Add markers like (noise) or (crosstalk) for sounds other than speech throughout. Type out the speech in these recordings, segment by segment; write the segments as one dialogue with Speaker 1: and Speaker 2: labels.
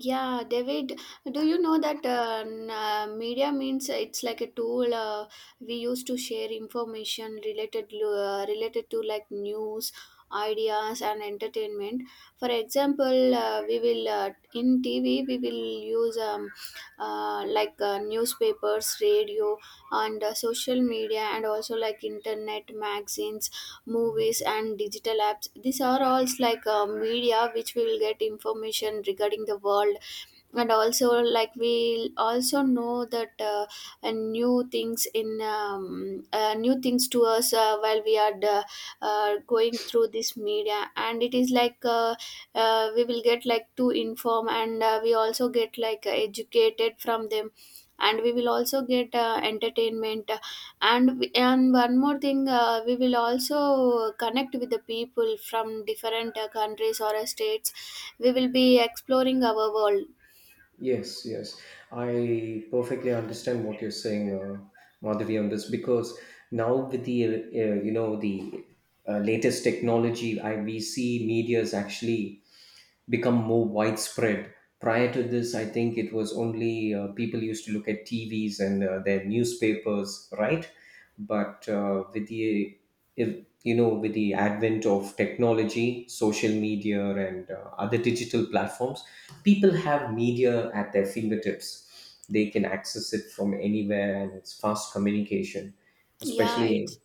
Speaker 1: Yeah, David, do you know that media means it's like a tool we use to share information related to like news, ideas, and entertainment. For example, we will in TV we will use newspapers, radio, and social media, and also like internet, magazines, movies, and digital apps. These are all like media which we will get information regarding the world, and also like we'll also know that new things in new things to us while we are going through this media. And it is like we will get like to inform, and we also get like educated from them, and we will also get entertainment. And and one more thing, we will also connect with the people from different countries or states. We will be exploring our world.
Speaker 2: Yes, yes. I perfectly understand what you're saying, Madhavi, on this because now with the you know the latest technology, I we see media is actually become more widespread. Prior to this, I think it was only people used to look at TVs and their newspapers, right? But with the if, you know with the advent of technology, social media, and other digital platforms, people have media at their fingertips. They can access it from anywhere, and it's fast communication,
Speaker 1: Yeah,
Speaker 2: especially
Speaker 1: it's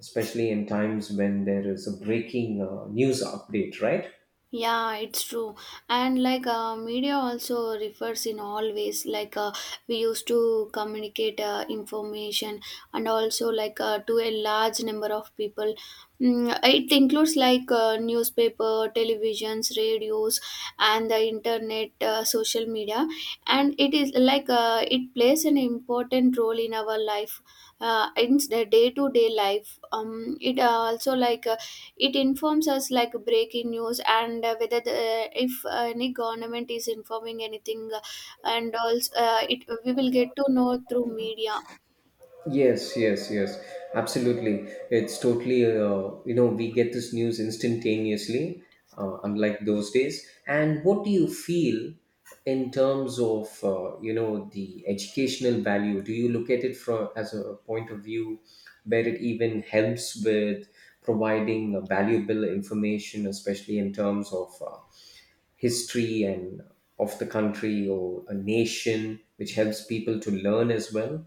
Speaker 2: especially in times when there is a breaking news update, right?
Speaker 1: yeah, it's true. And like media also refers in all ways. Like we used to communicate information, and also like to a large number of people. It includes like newspaper, televisions, radios, and the internet, social media. And it is like it plays an important role in our life, in the day to day life. It also like. It informs us like breaking news, and whether the, if any government is informing anything, and also it we will get to know through media.
Speaker 2: Yes, yes, yes, absolutely. It's totally, we get this news instantaneously, unlike those days. And what do you feel in terms of, the educational value? Do you look at it from as a point of view where it even helps with providing valuable information, especially in terms of history and of the country or a nation, which helps people to learn as well?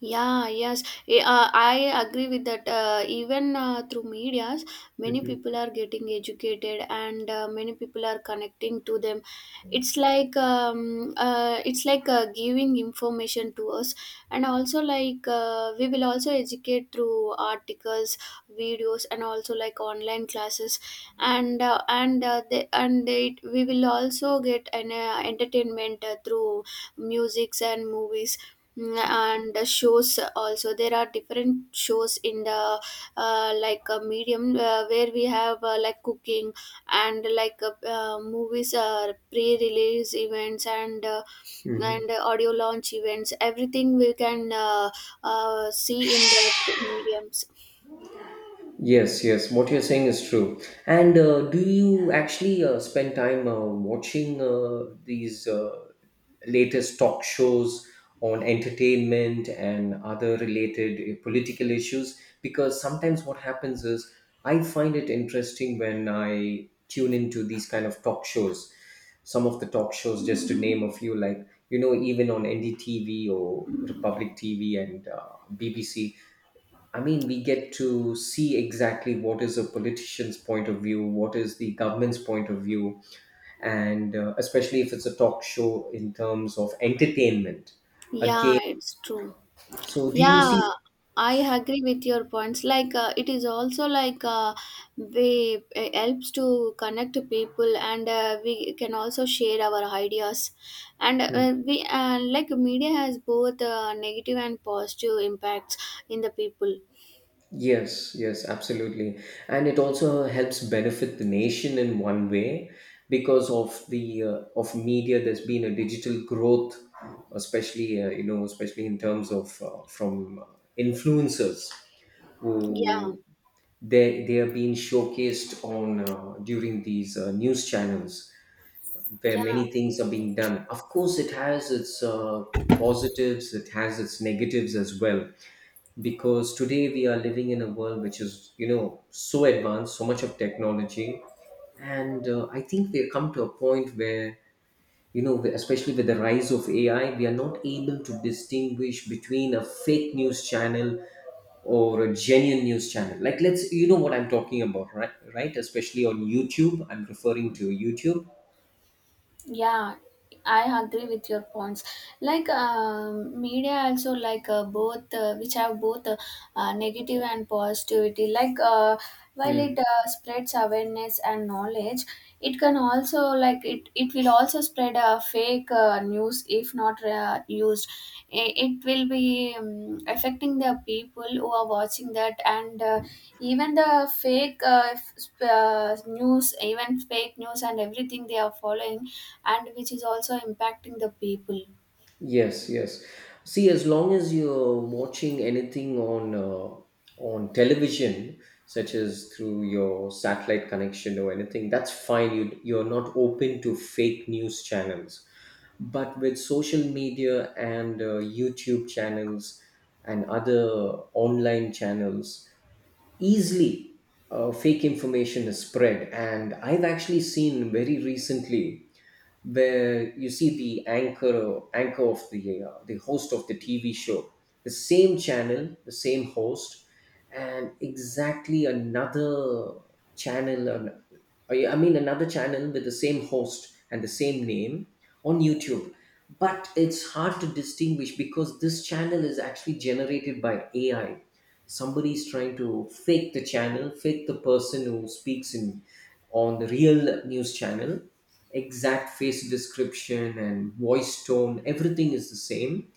Speaker 1: Yeah, yes. I agree with that. Even through medias, many people are getting educated, and many people are connecting to them. It's like giving information to us, and also like we will also educate through articles, videos, and also like online classes, and we will also get an entertainment through musics and movies. Mm. And the shows also, there are different shows in the like a medium, where we have like cooking, and like movies pre-release events, and
Speaker 2: Hmm.
Speaker 1: audio launch events, everything we can see in the mediums.
Speaker 2: Yes, yes, what you're saying is true. And do you actually spend time watching these latest talk shows on entertainment and other related political issues? Because sometimes what happens is I find it interesting when I tune into these kind of talk shows. Some of the talk shows, just to name a few, like, even on NDTV or Republic TV and BBC, I mean, we get to see exactly what is a politician's point of view, what is the government's point of view, and especially if it's a talk show in terms of entertainment.
Speaker 1: Yeah,
Speaker 2: Again,
Speaker 1: it's true.
Speaker 2: so do you
Speaker 1: Yeah,
Speaker 2: see?
Speaker 1: I agree with your points. Like it is also like we it helps to connect people, and we can also share our ideas. And we like media has both negative and positive impacts in the people.
Speaker 2: Yes, yes, absolutely. And it also helps benefit the nation in one way because of the of media there's been a digital growth especially you know especially in terms of, from influencers
Speaker 1: Yeah,
Speaker 2: who they are being showcased on during these news channels where
Speaker 1: yeah.
Speaker 2: many things are being done. Of course, it has its positives, it has its negatives as well, because today we are living in a world which is so advanced, so much of technology, and I think we have come to a point where especially with the rise of AI we are not able to distinguish between a fake news channel or a genuine news channel, like let's you know what I'm talking about, right? Especially on YouTube, I'm referring to YouTube.
Speaker 1: Yeah, I agree with your points. Like media also like both which have both negative and positivity. Like while
Speaker 2: Hmm.
Speaker 1: it spreads awareness and knowledge, it can also like it will also spread a fake news if not used. It will be affecting the people who are watching that, and even the fake news, even fake news and everything they are following, and which is also impacting the people.
Speaker 2: Yes, yes. See, as long as you're watching anything on television, such as through your satellite connection or anything, that's fine. You're not open to fake news channels. But with social media and YouTube channels and other online channels, easily fake information is spread. And I've actually seen very recently where you see the anchor anchor of the host of the TV show, the same channel, the same host, and exactly another channel, an, I mean another channel with the same host and the same name on YouTube. But it's hard to distinguish because this channel is actually generated by AI. Somebody is trying to fake the channel, fake the person who speaks in on the real news channel. Exact face description and voice tone, everything is the same,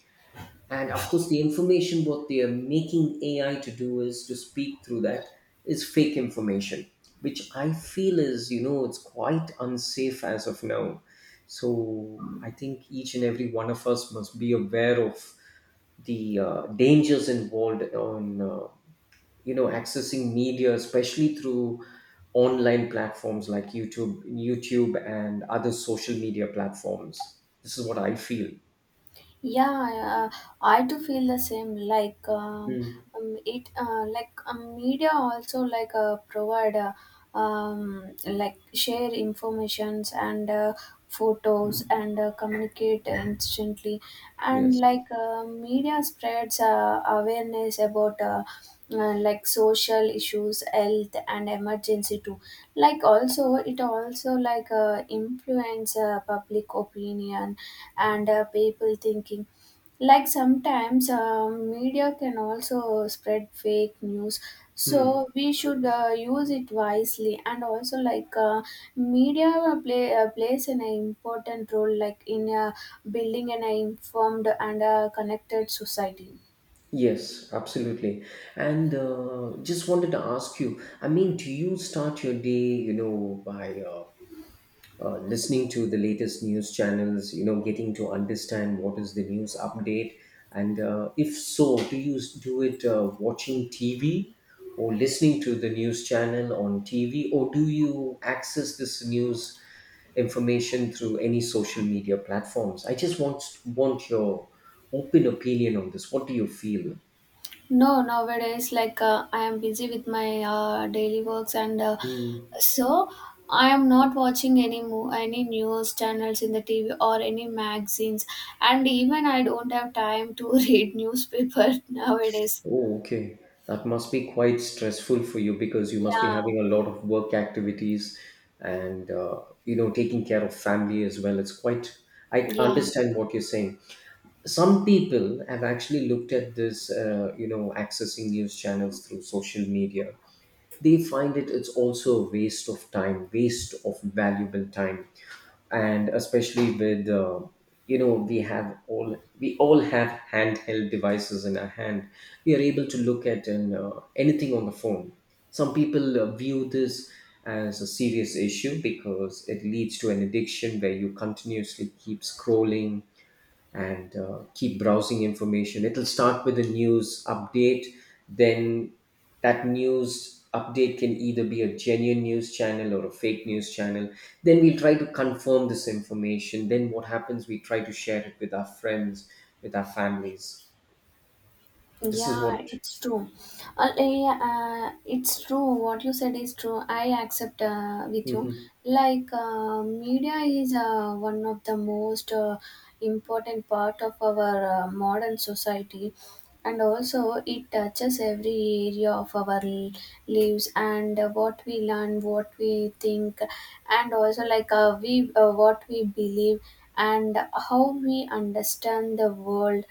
Speaker 2: and of course the information what they are making AI to do is to speak through that is fake information, which I feel is you know it's quite unsafe as of now. So I think each and every one of us must be aware of the dangers involved on accessing media, especially through online platforms like YouTube and other social media platforms. This is what I feel.
Speaker 1: Yeah, I do feel the same. Like
Speaker 2: Hmm.
Speaker 1: media also like provide like share informations and photos and communicate instantly, and
Speaker 2: Yes.
Speaker 1: like media spreads awareness about like social issues, health and emergency too, like also it also like influence public opinion and people thinking. Like sometimes media can also spread fake news,
Speaker 2: Hmm.
Speaker 1: so we should use it wisely. And also like media plays an important role like in building an informed and connected society.
Speaker 2: Yes, absolutely. And just wanted to ask you, I mean, do you start your day, by listening to the latest news channels, getting to understand what is the news update? And if so, do you do it watching TV or listening to the news channel on TV, or do you access this news information through any social media platforms? I just want your open opinion on this. What do you feel?
Speaker 1: No, nowadays, like I am busy with my daily works, and so I am not watching any news channels in the TV or any magazines, and even I don't have time to (laughs) read newspaper nowadays.
Speaker 2: Oh, okay. That must be quite stressful for you because you must be
Speaker 1: Yeah,
Speaker 2: having a lot of work activities and taking care of family as well. It's quite. I
Speaker 1: yeah.
Speaker 2: understand what you're saying. Some people have actually looked at this, accessing news channels through social media. They find it's also a waste of time, waste of valuable time, and especially with we all have handheld devices in our hand. We are able to look at and anything on the phone. Some people view this as a serious issue because it leads to an addiction where you continuously keep scrolling and keep browsing information. It'll start with a news update, then that news update can either be a genuine news channel or a fake news channel. Then we try to confirm this information. Then what happens? We try to share it with our friends, with our families. This is what.
Speaker 1: Yeah, it's true. Yeah, it's true. What you said is true. I accept with you.
Speaker 2: Mhm.
Speaker 1: Like media is one of the most important part of our modern society, and also it touches every area of lives, and what we learn, what we think, and also like we what we believe, and how we understand the world.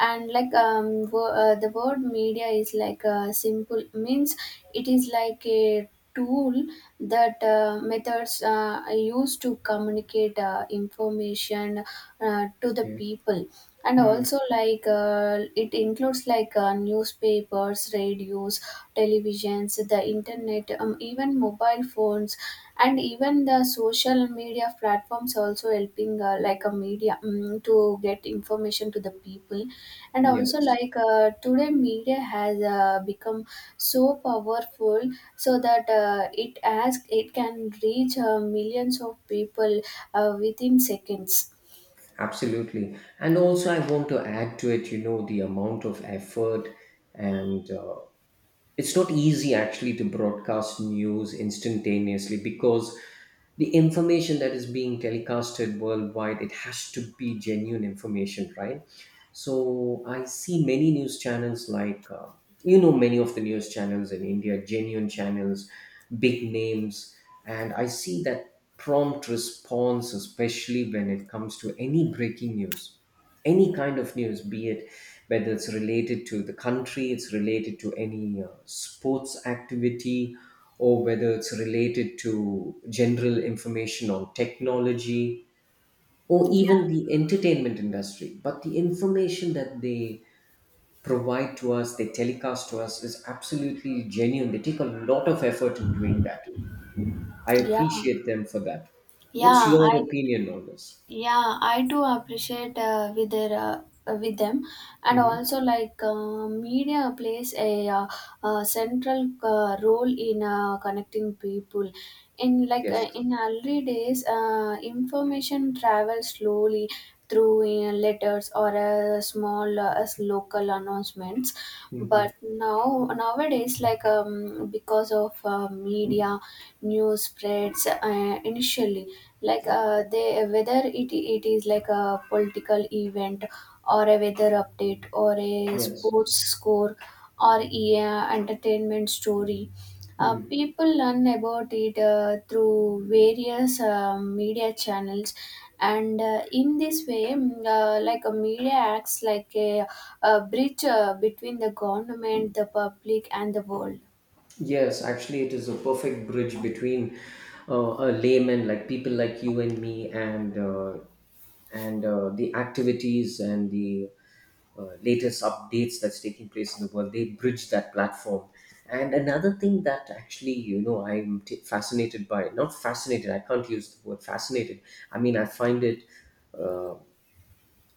Speaker 1: And like the word media is like a simple means, it is like a tool that methods are used to communicate information to the
Speaker 2: Yeah.
Speaker 1: people. And
Speaker 2: Mm.
Speaker 1: also like it includes like newspapers, radios, televisions, the internet, even mobile phones, and even the social media platforms also helping like a media, to get information to the people. And also
Speaker 2: Yes.
Speaker 1: like today media has become so powerful, so that it can reach millions of people within seconds.
Speaker 2: Absolutely. And also, I want to add to it, the amount of effort, and it's not easy actually to broadcast news instantaneously, because the information that is being telecasted worldwide, it has to be genuine information, right? So I see many news channels like many of the news channels in India, genuine channels, big names, and I see that prompt response, especially when it comes to any breaking news, any kind of news, be it whether it's related to the country, it's related to any sports activity, or whether it's related to general information on technology, or
Speaker 1: Yeah.
Speaker 2: even the entertainment industry. But the information that they provide to us, they telecast to us, is absolutely genuine. They take a lot of effort in doing that. I
Speaker 1: Yeah.
Speaker 2: appreciate them for that. What's
Speaker 1: yeah
Speaker 2: your
Speaker 1: i
Speaker 2: opinion on this?
Speaker 1: yeah, I do appreciate with them. And
Speaker 2: Hmm.
Speaker 1: also like media plays a central role in connecting people. in like uh,
Speaker 2: Yes.
Speaker 1: in early days, information travels slowly through letters, or a small as local announcements,
Speaker 2: Hmm.
Speaker 1: but nowadays, like because of media, news spreads initially, like they whether it is like a political event, or a weather update, or a
Speaker 2: Yes.
Speaker 1: sports score, or a entertainment story.
Speaker 2: Hmm.
Speaker 1: People learn about it through various media channels, and in this way, like a media acts like a bridge between the government, the public, and the world.
Speaker 2: Yes, actually, it is a perfect bridge between a layman, like people like you and me, and the activities and the latest updates that's taking place in the world. They bridge that platform. And another thing that actually, I'm fascinated by, not fascinated, I can't use the word fascinated. I mean, I find it. uh,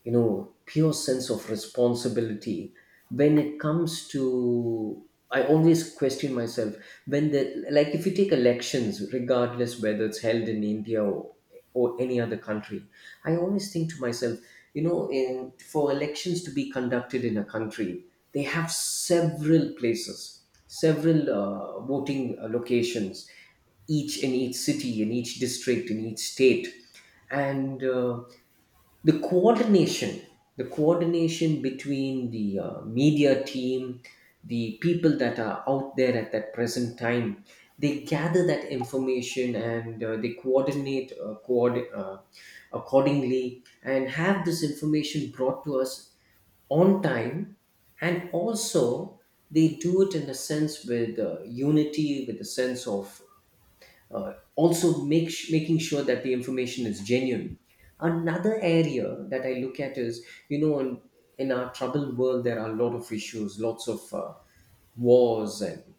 Speaker 2: Pure sense of responsibility when it comes to, I always question myself when the, like if you take elections, regardless whether it's held in India, or any other country, I always think to myself, for elections to be conducted in a country, they have several places, several voting locations, each in each city, in each district, in each state. And the coordination the coordination between the media team, the people that are out there at that present time, they gather that information, and they coordinate accordingly and have this information brought to us on time. And also, they do it in a sense with unity, with a sense of also making sure that the information is genuine. Another area that I look at is in our troubled world there are a lot of issues, lots of wars and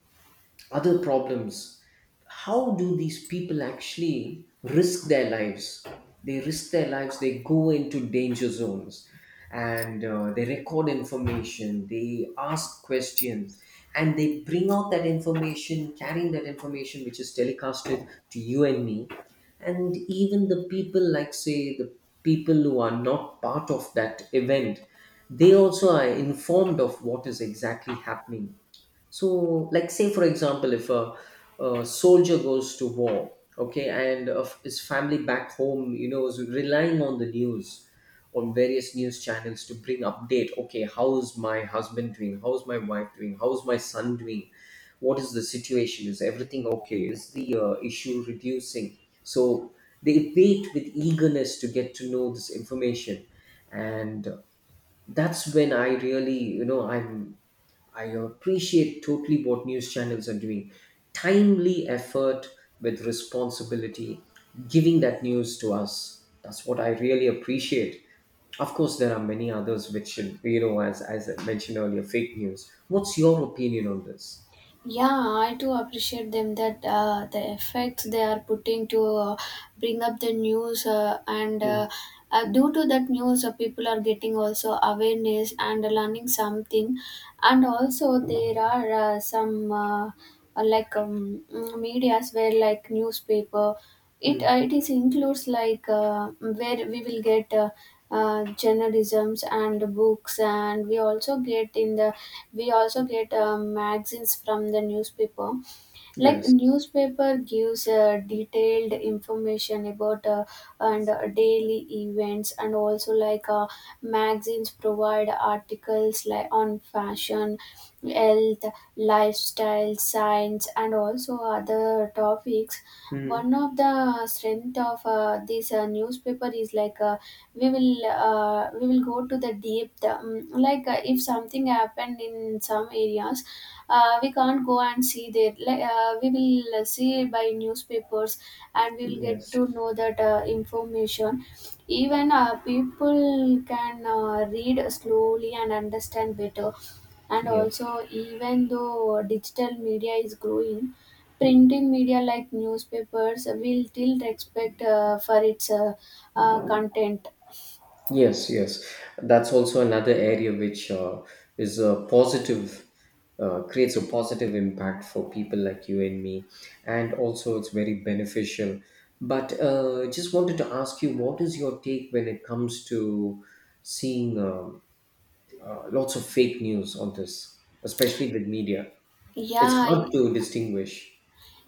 Speaker 2: other problems. How do these people actually risk their lives? They risk their lives, they go into danger zones, and they record information, they ask questions, and they bring out that information, carrying that information which is telecasted to you and me. And even the people, like, say, the people who are not part of that event, they also are informed of what is exactly happening. So, like, say for example, if a soldier goes to war, okay, and of his family back home, is relying on the news, on various news channels to bring update. Okay, how's my husband doing? How's my wife doing? How's my son doing? What is the situation? Is everything okay? Is the issue reducing? So they wait with eagerness to get to know this information, and that's when I really, I appreciate totally what news channels are doing. Timely effort with responsibility, giving that news to us. That's what I really appreciate. Of course, there are many others which, should, as I mentioned earlier, fake news. What's your opinion on this?
Speaker 1: Yeah, I too appreciate them, that the effects they are putting to bring up the news, and
Speaker 2: Mm,
Speaker 1: due to that news, people are getting also awareness and learning something. And also there are some medias where like newspaper. it uh,
Speaker 2: mm,
Speaker 1: it is includes like where we will get journalisms and books, and we also get magazines from the newspaper. Like
Speaker 2: yes.
Speaker 1: newspaper gives detailed information about, and daily events. And also like magazines provide articles like on fashion, health, lifestyle, science, and also other topics. One
Speaker 2: Mm,
Speaker 1: of the strength of this newspaper is like we will go to the depth. Um, like if something happened in some areas, we can't go and see there. Like, we will see by newspapers, and we will get
Speaker 2: yes.
Speaker 1: to know that information. Even people can read slowly and understand better. And
Speaker 2: Yes.
Speaker 1: also, even though digital media is growing,
Speaker 2: Mm.
Speaker 1: printing media like newspapers will still respect for its content.
Speaker 2: Yes, yes. That's also another area which is a positive, creates a positive impact for people like you and me. And also, it's very beneficial. But just wanted to ask you, what is your take when it comes to seeing lots of fake news on this, especially with media? It's
Speaker 1: Yeah.
Speaker 2: hard to distinguish.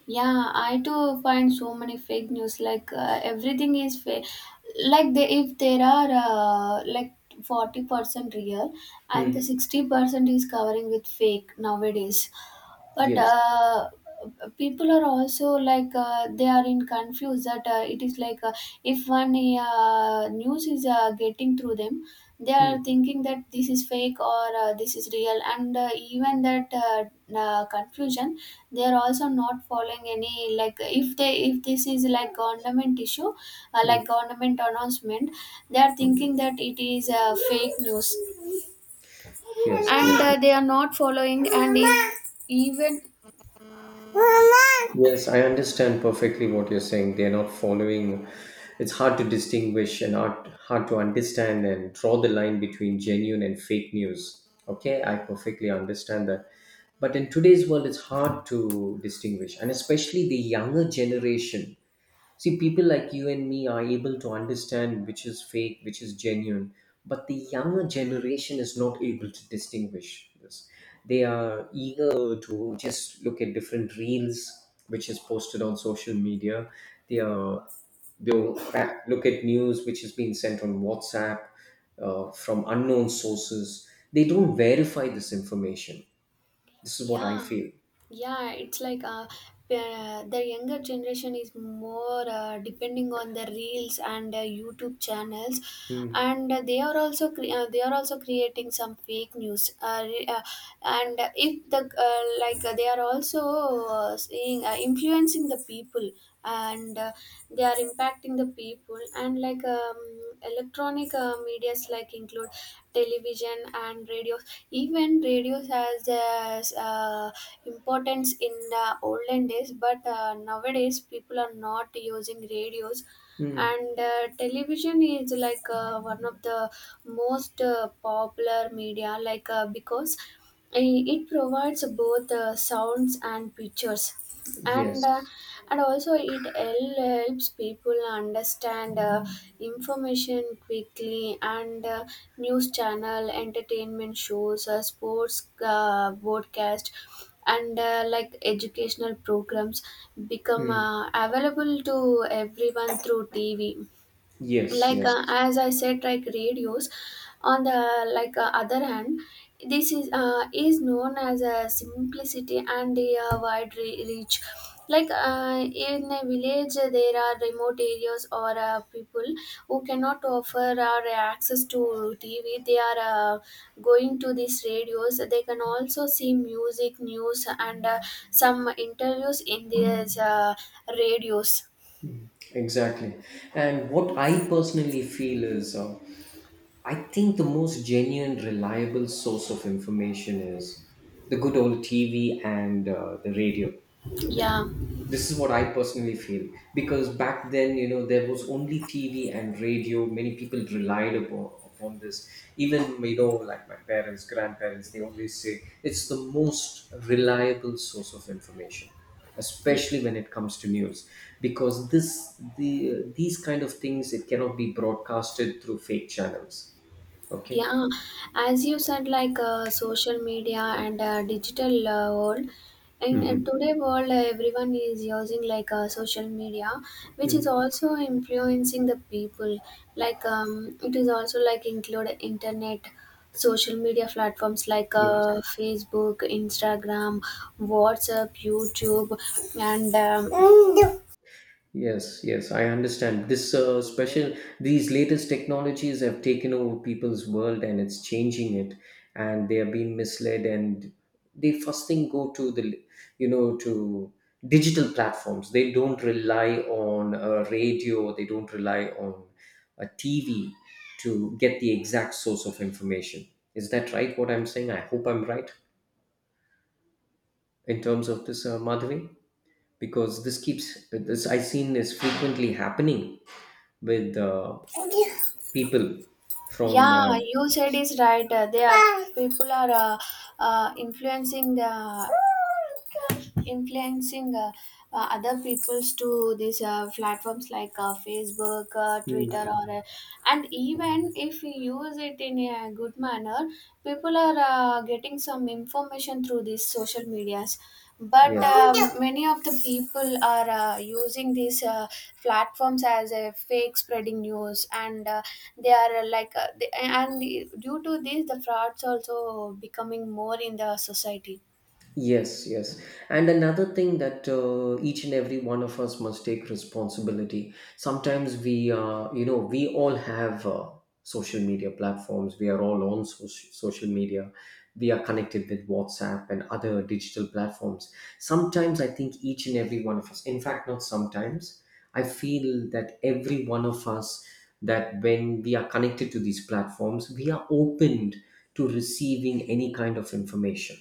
Speaker 1: Yeah, I do find so many fake news. Like everything is fake. Like they, if there are like 40% real, and the
Speaker 2: Hmm.
Speaker 1: 60% is covering with fake nowadays, but
Speaker 2: Yes.
Speaker 1: people are also like they are in confused that it is like if one news is getting through them, they
Speaker 2: Hmm.
Speaker 1: are thinking that this is fake or this is real, and even that confusion, they are also not following any, like, if this is like government issue,
Speaker 2: Hmm.
Speaker 1: like government announcement, they are thinking that it is fake news,
Speaker 2: Yes,
Speaker 1: and
Speaker 2: yes.
Speaker 1: they are not following, even.
Speaker 2: Yes, I understand perfectly what you're saying. They're not following. It's hard to distinguish and hard to understand and draw the line between genuine and fake news. Okay, I perfectly understand that. But in today's world, it's hard to distinguish, and especially the younger generation. See, people like you and me are able to understand which is fake, which is genuine, but the younger generation is not able to distinguish this. They are eager to just look at different reels which is posted on social media. They are they'll look at news which is being sent on WhatsApp from unknown sources. They don't verify this information. This is what I
Speaker 1: Yeah,
Speaker 2: feel.
Speaker 1: yeah, it's like the younger generation is more depending on the reels and YouTube channels,
Speaker 2: Hmm.
Speaker 1: and they are also creating some fake news. Re- and If the like they are also seeing influencing the people, and they are impacting the people. And like electronic medias like include television and radios. Even radios has uh, importance in the olden days, but nowadays people are not using radios.
Speaker 2: Hmm.
Speaker 1: And television is like one of the most popular media, like because it provides both sounds and pictures, and uh,
Speaker 2: Yes.
Speaker 1: and also it helps people understand information quickly, and news channel entertainment shows, sports broadcast, and like educational programs become
Speaker 2: Hmm.
Speaker 1: available to everyone through TV.
Speaker 2: Yes.
Speaker 1: Like
Speaker 2: Yes.
Speaker 1: as I said, like radios, on the like other hand, this is known as a simplicity and a wide reach. Like in a village, there are remote areas or people who cannot offer or access to TV, they are uh, going to these radios, they can also see music news and some interviews in these radios.
Speaker 2: Exactly. And what I personally feel is I think the most genuine, reliable source of information is the good old TV and the radio.
Speaker 1: Yeah.
Speaker 2: This is what I personally feel, because back then, you know, there was only TV and radio. Many people relied upon this. Even, you know, like my parents, grandparents, they always say it's the most reliable source of information, especially when it comes to news, because this the these kind of things, it cannot be broadcasted through fake channels. Okay.
Speaker 1: Yeah, as you said, like social media and digital world. In
Speaker 2: Hmm.
Speaker 1: today world, everyone is using like social media, which is
Speaker 2: Mm.
Speaker 1: also influencing the people. Like it is also like include internet, social media platforms like
Speaker 2: Yes.
Speaker 1: Facebook, Instagram, WhatsApp, YouTube, and
Speaker 2: Yes, yes, I understand. These latest technologies have taken over people's world and it's changing it, and they are being misled, and they first thing go to the, you know, to digital platforms. They don't rely on a radio, they don't rely on a TV to get the exact source of information. Is that right? What I'm saying? I hope I'm right in terms of this, Madhavi, because this keeps, this I've seen is frequently happening with
Speaker 1: um,
Speaker 2: people from
Speaker 1: yeah, you said is right. They are people are uh, influencing the influencing other peoples to these platforms like Facebook, Twitter,
Speaker 2: mm,
Speaker 1: or and even if we use it in a good manner, people are getting some information through these social medias. But
Speaker 2: yes.
Speaker 1: many of the people are using these platforms as a fake spreading news, and they are due to this, the frauds also becoming more in the society.
Speaker 2: Yes, yes. And another thing that each and every one of us must take responsibility. Sometimes we, you know, we all have social media platforms. We are all on social media. We are connected with WhatsApp and other digital platforms. Sometimes I think each and every one of us, in fact, not sometimes, I feel that every one of us, that when we are connected to these platforms, we are opened to receiving any kind of information,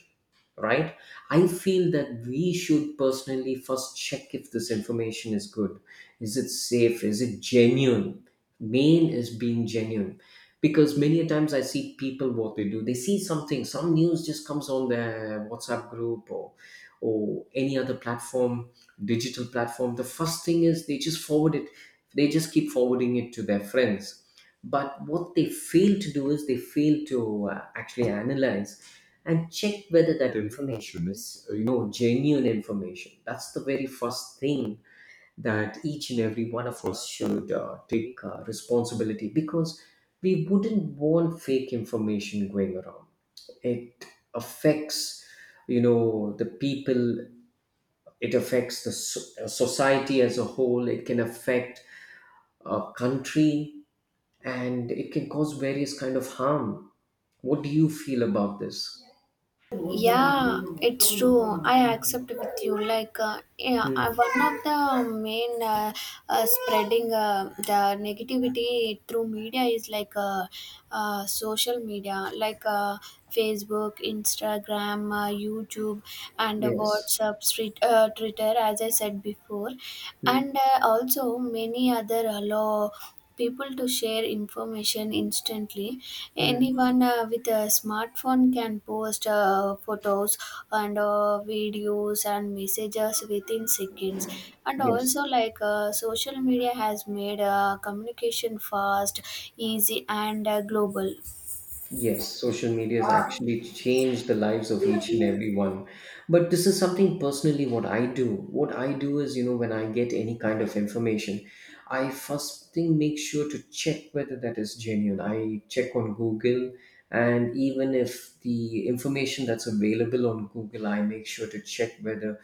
Speaker 2: right? I feel that we should personally first check if this information is good. Is it safe? Is it genuine? Main is being genuine. Because many a times I see people what they do, they see something, some news just comes on their WhatsApp group or any other platform, digital platform. The first thing is they just forward it, they just keep forwarding it to their friends, but what they fail to do is they fail to actually analyze and check whether that information is, you know, genuine information. That's the very first thing that each and every one of us should take responsibility, because we wouldn't want fake information going around. It affects, you know, the people. It affects the society as a whole. It can affect a country, and it can cause various kind of harm. What do you feel about this?
Speaker 1: Yeah, it's true. I accept with you.
Speaker 2: Mm,
Speaker 1: One of the main spreading the negativity through media is like social media, like Facebook, Instagram, YouTube, and
Speaker 2: yes.
Speaker 1: WhatsApp, street, Twitter, as I said before,
Speaker 2: Mm,
Speaker 1: and also many other hello people to share information instantly.
Speaker 2: mm,
Speaker 1: Anyone with a smartphone can post photos and videos and messages within seconds. And
Speaker 2: yes.
Speaker 1: also, like social media has made communication fast, easy, and global.
Speaker 2: Yes, social media has actually changed the lives of each and every one. But this is something personally what I do. What I do is, you know, when I get any kind of information, I first thing make sure to check whether that is genuine. I check on Google, and even if the information that's available on Google, I make sure to check whether,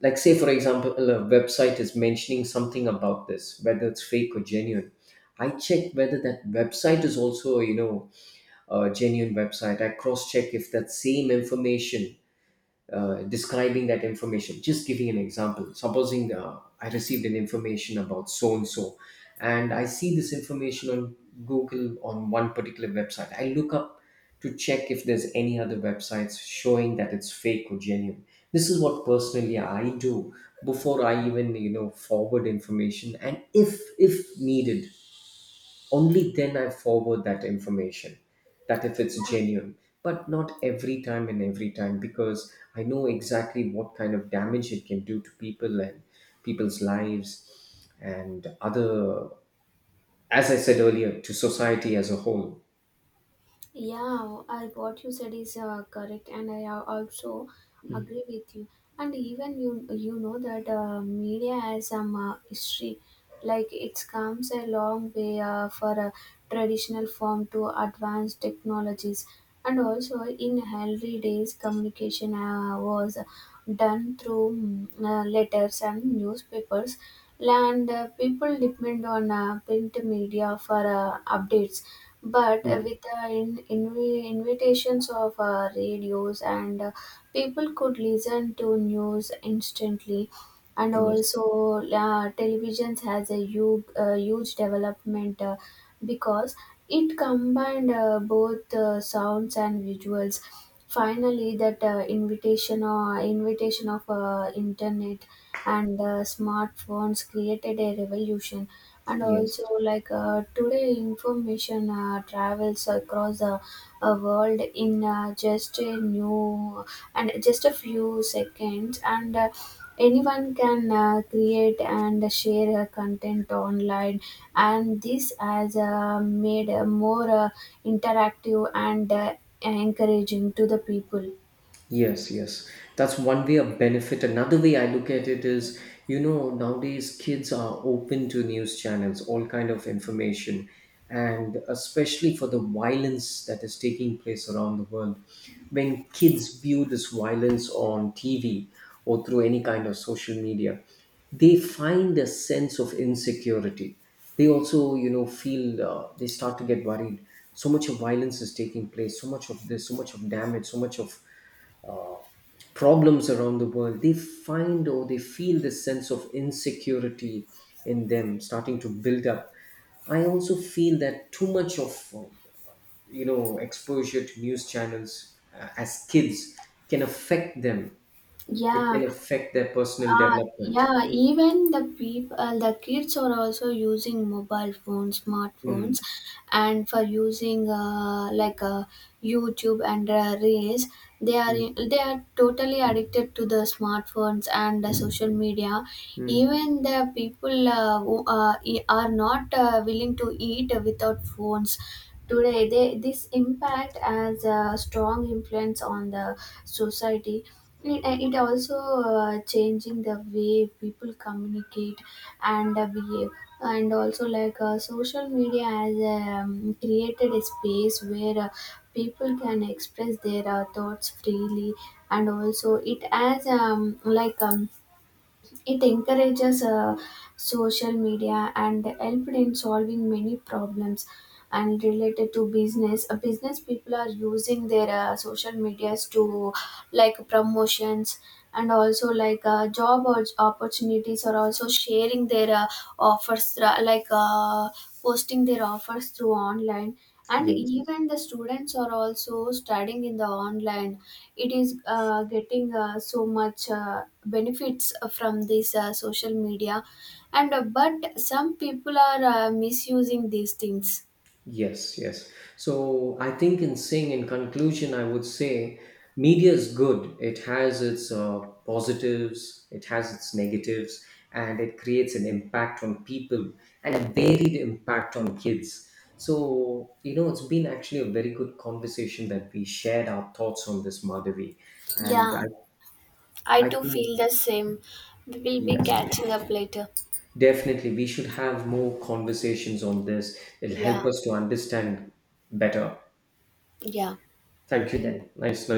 Speaker 2: like, say for example, a website is mentioning something about this, whether it's fake or genuine. I check whether that website is also, you know, a genuine website. I cross check if that same information, describing that information, just giving an example. Supposing I received an information about so and so, and I see this information on Google on one particular website, I look up to check if there's any other websites showing that it's fake or genuine. This is what personally I do before I even, you know, forward information, and if needed, only then I forward that information, that if it's
Speaker 1: Yeah.
Speaker 2: genuine, but not every time and every time, because I know exactly what kind of damage it can do to people and people's lives and other, as I said earlier, to society as a whole.
Speaker 1: Yeah, what you said is correct, and also agree with you. And even you, you know that media has some history, like it comes a long way for a traditional form to advanced technologies, and also in early days, communication was done through letters and newspapers, and people depend on print media for updates, but
Speaker 2: Mm.
Speaker 1: with the invitations of radios and people could listen to news instantly, and
Speaker 2: Yes.
Speaker 1: also televisions has a huge, huge development because it combined both sounds and visuals. Finally, that invitation or invitation of internet and smartphones created a revolution, and
Speaker 2: Yes.
Speaker 1: also like today information travels across the world in just a new and just a few seconds, and anyone can create and share content online, and this has made more interactive and encouraging to the people.
Speaker 2: Yes, yes. That's one way of benefit. Another way I look at it is, you know, nowadays kids are open to news channels, all kind of information, and especially for the violence that is taking place around the world. When kids view this violence on TV or through any kind of social media, they find a sense of insecurity. They also, you know, feel, they start to get worried. So much of violence is taking place, so much of this, so much of damage, so much of uh, problems around the world, they find or they feel this sense of insecurity in them starting to build up. I also feel that too much of, you know, exposure to news channels as kids can affect them. It
Speaker 1: Yeah.
Speaker 2: can affect their personal development.
Speaker 1: Yeah, even the people, the kids are also using mobile phones,
Speaker 2: Mm,
Speaker 1: smartphones, and for using YouTube and Reels,
Speaker 2: mm,
Speaker 1: they are totally addicted to the smartphones and the social media.
Speaker 2: mm.
Speaker 1: Even the people who are not willing to eat without phones. Today, this impact has a strong influence on the society. It also changing the way people communicate and behave, and also like social media has created a space where people can express their thoughts freely, and also it has it encourages social media and helped in solving many problems and related to business. Business people are using their social medias to like promotions, and also like job or opportunities are also sharing their offers posting their offers through online, and
Speaker 2: Yes.
Speaker 1: even the students are also studying in the online. It is getting so much benefits from this social media, and but some people are misusing these things.
Speaker 2: Yes, yes. So I think in saying in conclusion, I would say media is good. It has its positives, it has its negatives, and it creates an impact on people and a varied impact on kids. So, you know, it's been actually a very good conversation that we shared our thoughts on this, Madhavi. And
Speaker 1: Yeah, I
Speaker 2: I
Speaker 1: too
Speaker 2: think,
Speaker 1: feel the same. We will be
Speaker 2: yes,
Speaker 1: catching up later.
Speaker 2: definitely we should have more conversations on this. It'll
Speaker 1: Yeah.
Speaker 2: help us to understand better.
Speaker 1: Yeah.
Speaker 2: Thank you, Dan. Nice, nice.